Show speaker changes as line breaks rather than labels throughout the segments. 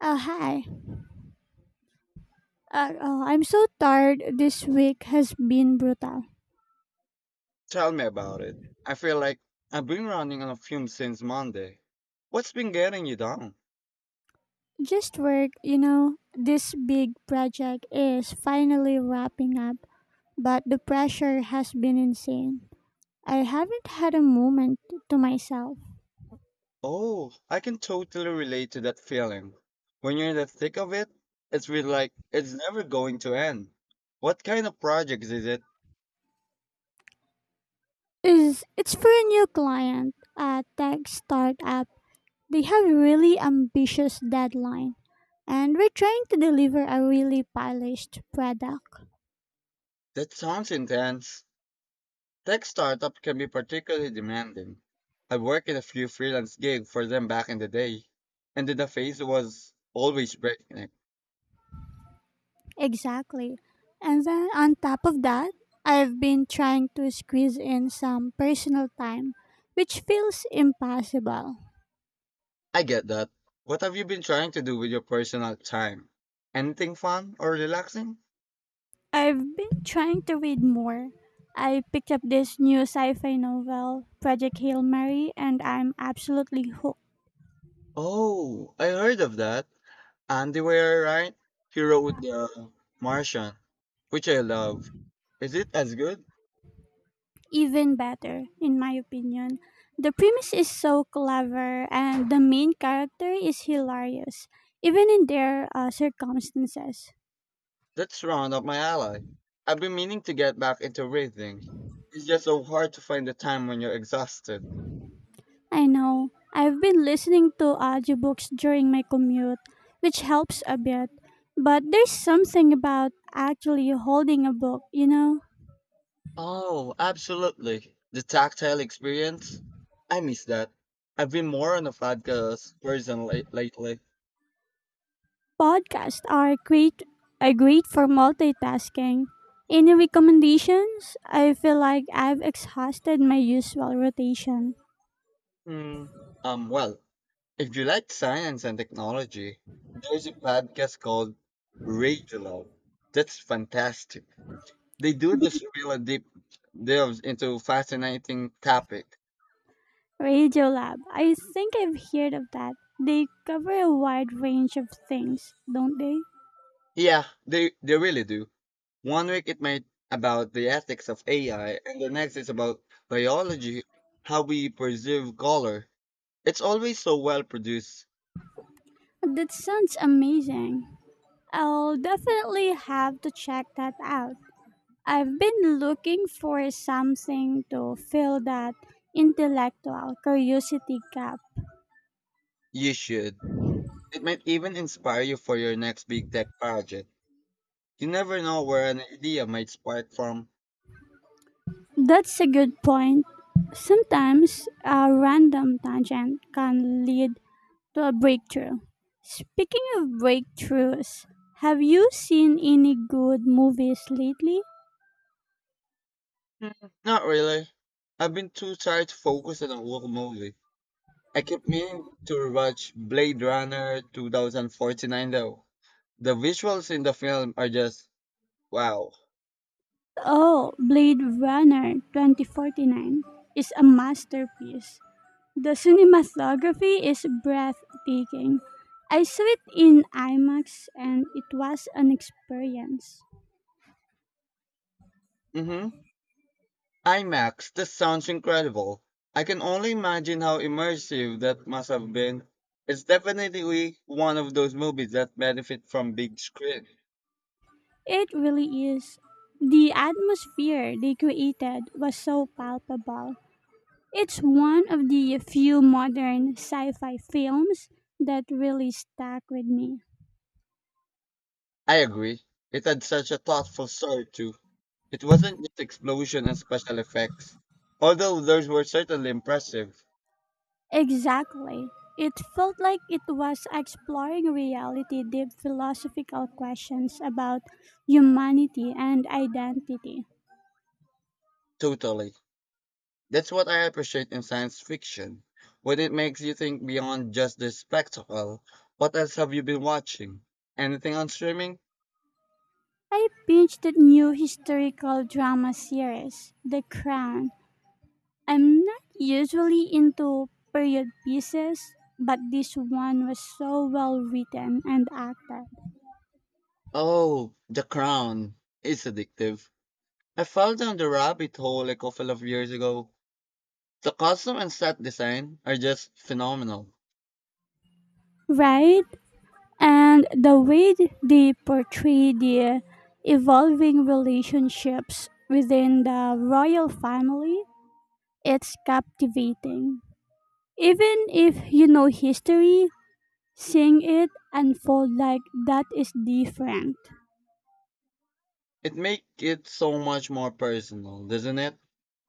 Oh, hi. Oh, I'm so tired. This week has been brutal.
Tell me about it. I feel like I've been running on fumes since Monday. What's been getting you down?
Just work, you know. This big project is finally wrapping up, but the pressure has been insane. I haven't had a moment to myself.
Oh, I can totally relate to that feeling. When you're in the thick of it, it's really like it's never going to end. What kind of projects is it?
Is it's for a new client, a tech startup. They have a really ambitious deadline, and we're trying to deliver a really polished product.
That sounds intense. Tech startup can be particularly demanding. I worked in a few freelance gigs for them back in the day, and the phase was always breaking.
Exactly. And then on top of that, I've been trying to squeeze in some personal time, which feels impossible.
I get that. What have you been trying to do with your personal time? Anything fun or relaxing?
I've been trying to read more. I picked up this new sci fi novel, Project Hail Mary, and I'm absolutely hooked.
Oh, I heard of that. Andy Weir, right? He wrote The Martian, which I love. Is it as good?
Even better, in my opinion. The premise is so clever, and the main character is hilarious, even in their circumstances.
That's round up my alley. I've been meaning to get back into reading. It's just so hard to find the time when you're exhausted.
I know. I've been listening to audiobooks during my commute, which helps a bit. But there's something about actually holding a book, you know?
Oh, absolutely. The tactile experience? I miss that. I've been more on a podcast person lately.
Podcasts are great for multitasking. Any recommendations? I feel like I've exhausted my usual rotation.
Hmm. um, well, if you like science and technology, there's a podcast called Radio Lab. That's fantastic. They do this really deep delves into fascinating topic.
Radio Lab. I think I've heard of that. They cover a wide range of things, don't they?
Yeah, they really do. One week it might about the ethics of AI, and the next is about biology, how we perceive color. It's always so well produced.
That sounds amazing. I'll definitely have to check that out. I've been looking for something to fill that intellectual curiosity gap.
You should. It might even inspire you for your next big tech project. You never know where an idea might spark from.
That's a good point. Sometimes a random tangent can lead to a breakthrough. Speaking of breakthroughs, have you seen any good movies lately?
Not really. I've been too tired to focus on a whole movie. I keep meaning to watch Blade Runner 2049 though. The visuals in the film are just wow.
Oh, Blade Runner 2049 is a masterpiece. The cinematography is breathtaking. I saw it in IMAX, and it was an experience.
Mm-hmm. IMAX, this sounds incredible. I can only imagine how immersive that must have been. It's definitely one of those movies that benefit from big screen.
It really is. The atmosphere they created was so palpable. It's one of the few modern sci fi films that really stuck with me.
I agree. It had such a thoughtful story too. It wasn't just explosion and special effects, although those were certainly impressive.
Exactly. It felt like it was exploring reality, deep philosophical questions about humanity and identity.
Totally. That's what I appreciate in science fiction, when it makes you think beyond just the spectacle. What else have you been watching? Anything on streaming?
I binged the new historical drama series, The Crown. I'm not usually into period pieces, but this one was so well written and acted.
Oh, The Crown. It's addictive. I fell down the rabbit hole a couple of years ago. The costume and set design are just phenomenal.
Right? And the way they portray the evolving relationships within the royal family, it's captivating. Even if you know history, seeing it unfold like that is different.
It makes it so much more personal, doesn't it?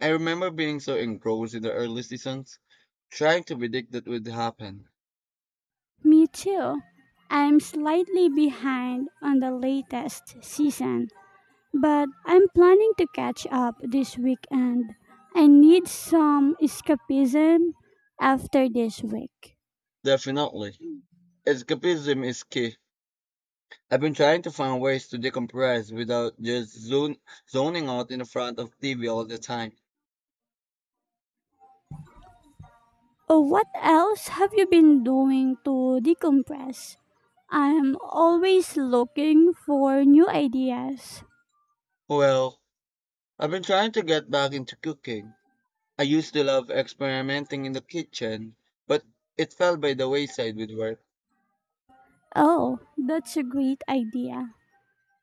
I remember being so engrossed in the early seasons, trying to predict what would happen.
Me too. I'm slightly behind on the latest season, but I'm planning to catch up this weekend. I need some escapism after this week.
Definitely. Escapism is key. I've been trying to find ways to decompress without just zoning out in the front of TV all the time.
Oh, what else have you been doing to decompress? I'm always looking for new ideas.
Well, I've been trying to get back into cooking. I used to love experimenting in the kitchen, but it fell by the wayside with work.
Oh, that's a great idea.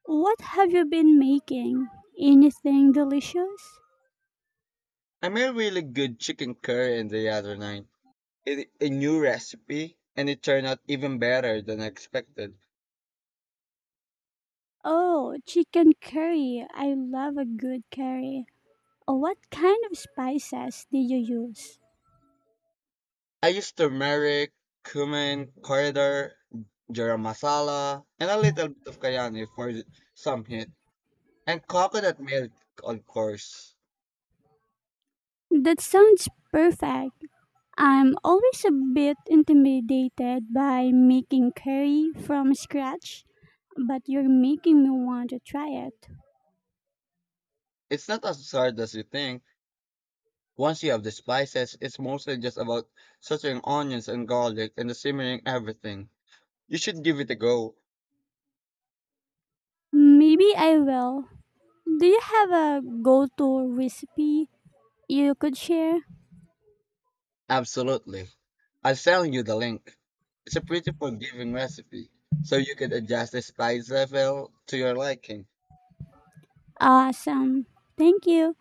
What have you been making? Anything delicious?
I made really good chicken curry the other night. It, a new recipe, and it turned out even better than I expected.
Oh, chicken curry. I love a good curry. Oh, what kind of spices did you use?
I use turmeric, cumin, coriander, garam masala, and a little bit of cayenne for some heat, and coconut milk, of course.
That sounds perfect. I'm always a bit intimidated by making curry from scratch, but you're making me want to try it.
It's not as hard as you think. Once you have the spices, it's mostly just about sautéing onions and garlic and simmering everything. You should give it a go.
Maybe I will. Do you have a go to recipe you could share?
Absolutely. I'll send you the link. It's a pretty forgiving recipe, so you can adjust the spice level to your liking.
Awesome. Thank you.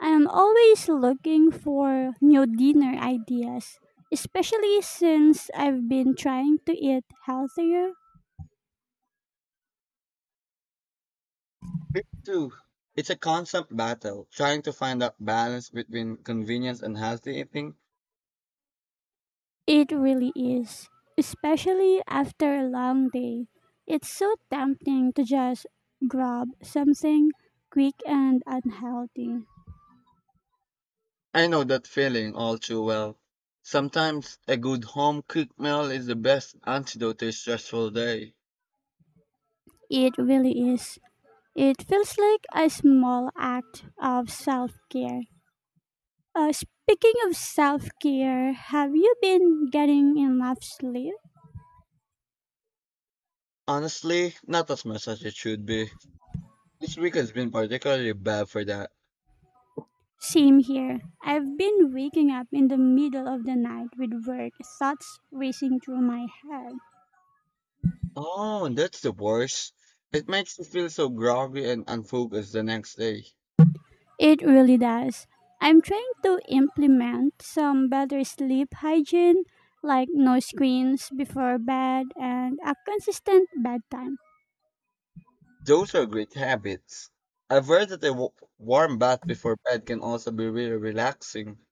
I am always looking for new dinner ideas, especially since I've been trying to eat healthier.
Me too. It's a constant battle, trying to find that balance between convenience and healthy eating.
It really is, especially after a long day. It's so tempting to just grab something quick and unhealthy.
I know that feeling all too well. Sometimes a good home cooked meal is the best antidote to a stressful day.
It really is. It feels like a small act of self care. Speaking of self care, have you been getting enough sleep?
Honestly, not as much as it should be. This week has been particularly bad for that.
Same here. I've been waking up in the middle of the night with work thoughts racing through my head.
Oh, that's the worst. It makes you feel so groggy and unfocused the next day.
It really does. I'm trying to implement some better sleep hygiene, like no screens before bed and a consistent bedtime.
Those are great habits. I've read that a warm bath before bed can also be really relaxing.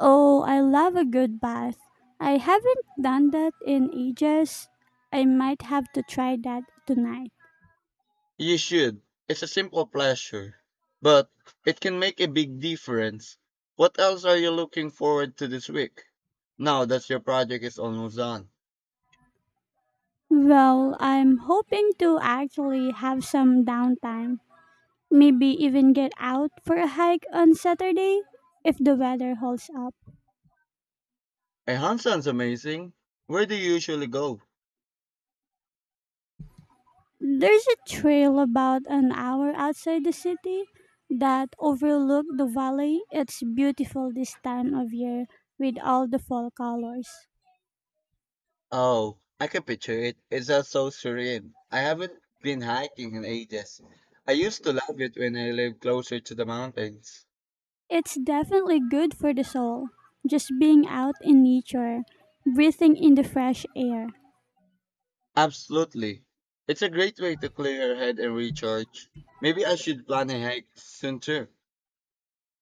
Oh, I love a good bath. I haven't done that in ages. I might have to try that tonight.
You should. It's a simple pleasure, but it can make a big difference. What else are you looking forward to this week? Now that your project is almost done.
Well, I'm hoping to actually have some downtime. Maybe even get out for a hike on Saturday if the weather holds up.
A hunt sounds amazing. Where do you usually go?
There's a trail about an hour outside the city that overlook the valley. It's beautiful this time of year with all the fall colors.
Oh, I can picture it. It's just so serene. I haven't been hiking in ages. I used to love it when I lived closer to the mountains.
It's definitely good for the soul. Just being out in nature, breathing in the fresh air.
Absolutely. It's a great way to clear your head and recharge. Maybe I should plan a hike soon too.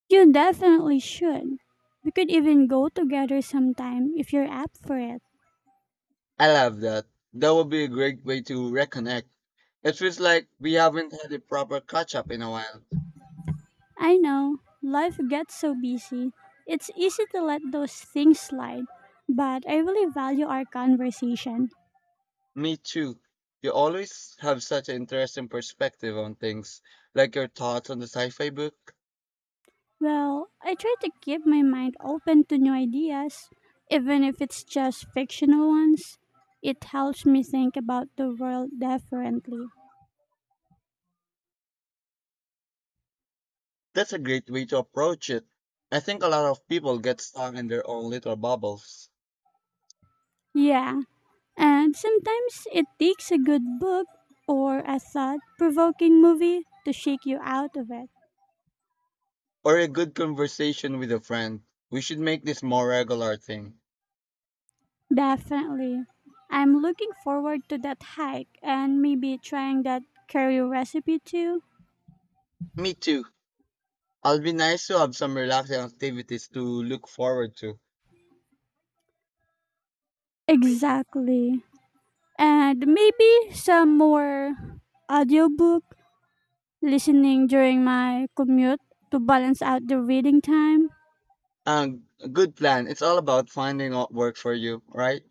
You definitely should. We could even go together sometime if you're up for it.
I love that. That would be a great way to reconnect. It feels like we haven't had a proper catch up in a while.
I know, life gets so busy. It's easy to let those things slide, but I really value our conversation.
Me too. You always have such an interesting perspective on things, like your thoughts on the sci fi book.
Well, I try to keep my mind open to new ideas, even if it's just fictional ones. It helps me think about the world differently.
That's a great way to approach it. I think a lot of people get stuck in their own little bubbles.
Yeah, and sometimes it takes a good book or a thought provoking movie to shake you out of it.
Or a good conversation with a friend. We should make this more regular thing.
Definitely. I'm looking forward to that hike and maybe trying that curry recipe too.
Me too. I'll be nice to have some relaxing activities to look forward to.
Exactly. And maybe some more audiobook listening during my commute to balance out the reading time.
Um, Good plan. It's all about finding what works for you, right?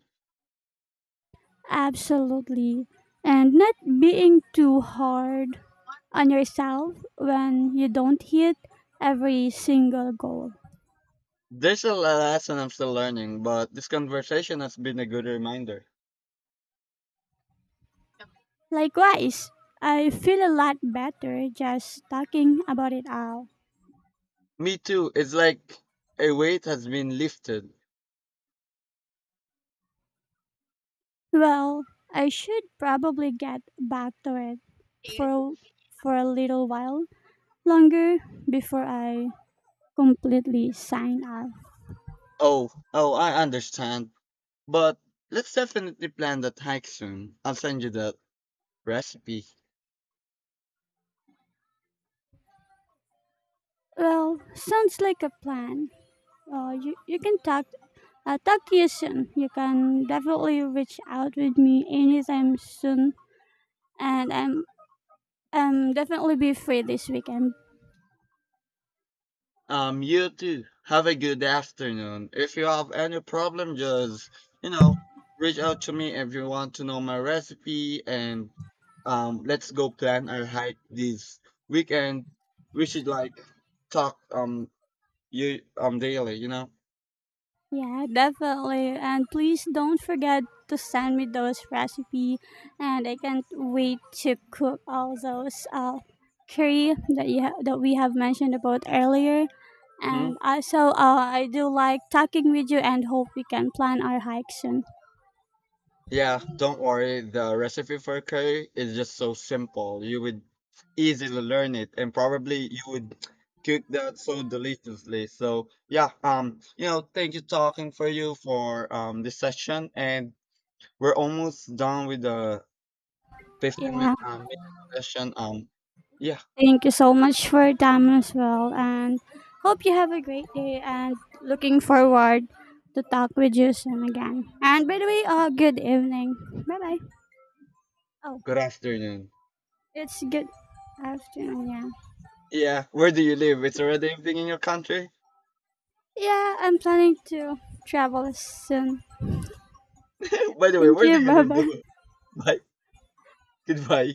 Absolutely. And not being too hard on yourself when you don't hit every single goal.
There's a lesson I'm still learning, but this conversation has been a good reminder.
Likewise, I feel a lot better just talking about it out.
Me too. It's like a weight has been lifted.
Well, I should probably get back to it for for a little while longer before I completely sign off.
Oh, I understand. But let's definitely plan that hike soon. I'll send you that recipe.
Well, sounds like a plan. You, you can talk Talk to you soon. You can definitely reach out with me anytime soon, and I'm definitely be free this weekend.
You too. Have a good afternoon. If you have any problem, just, you know, reach out to me if you want to know my recipe and let's go plan our hike this weekend. We should like talk you daily, you know?
Yeah, definitely. And please don't forget to send me those recipe, and I can't wait to cook all those curry that that we have mentioned about earlier.
hmm
And also, I do like talking with you, and hope we can plan our hike soon.
Yeah, don't worry. The recipe for curry is just so simple. You would easily learn it and probably you would cook that so deliciously. So yeah, thank you talking for you for this session and we're almost done with the 15 minute
Yeah.
session. Yeah,
Thank you so much for your time as well, and hope you have a great day. And looking forward to talk with you soon again. And by the way, good evening. Bye bye. Oh,
good afternoon.
it's good afternoon. Yeah,
Yeah, where do you live? It's already evening in your country.
yeah. I'm planning to travel soon.
By the way,
Thank
where do
you.
you
Bye
live?
bye.
Bye. Goodbye.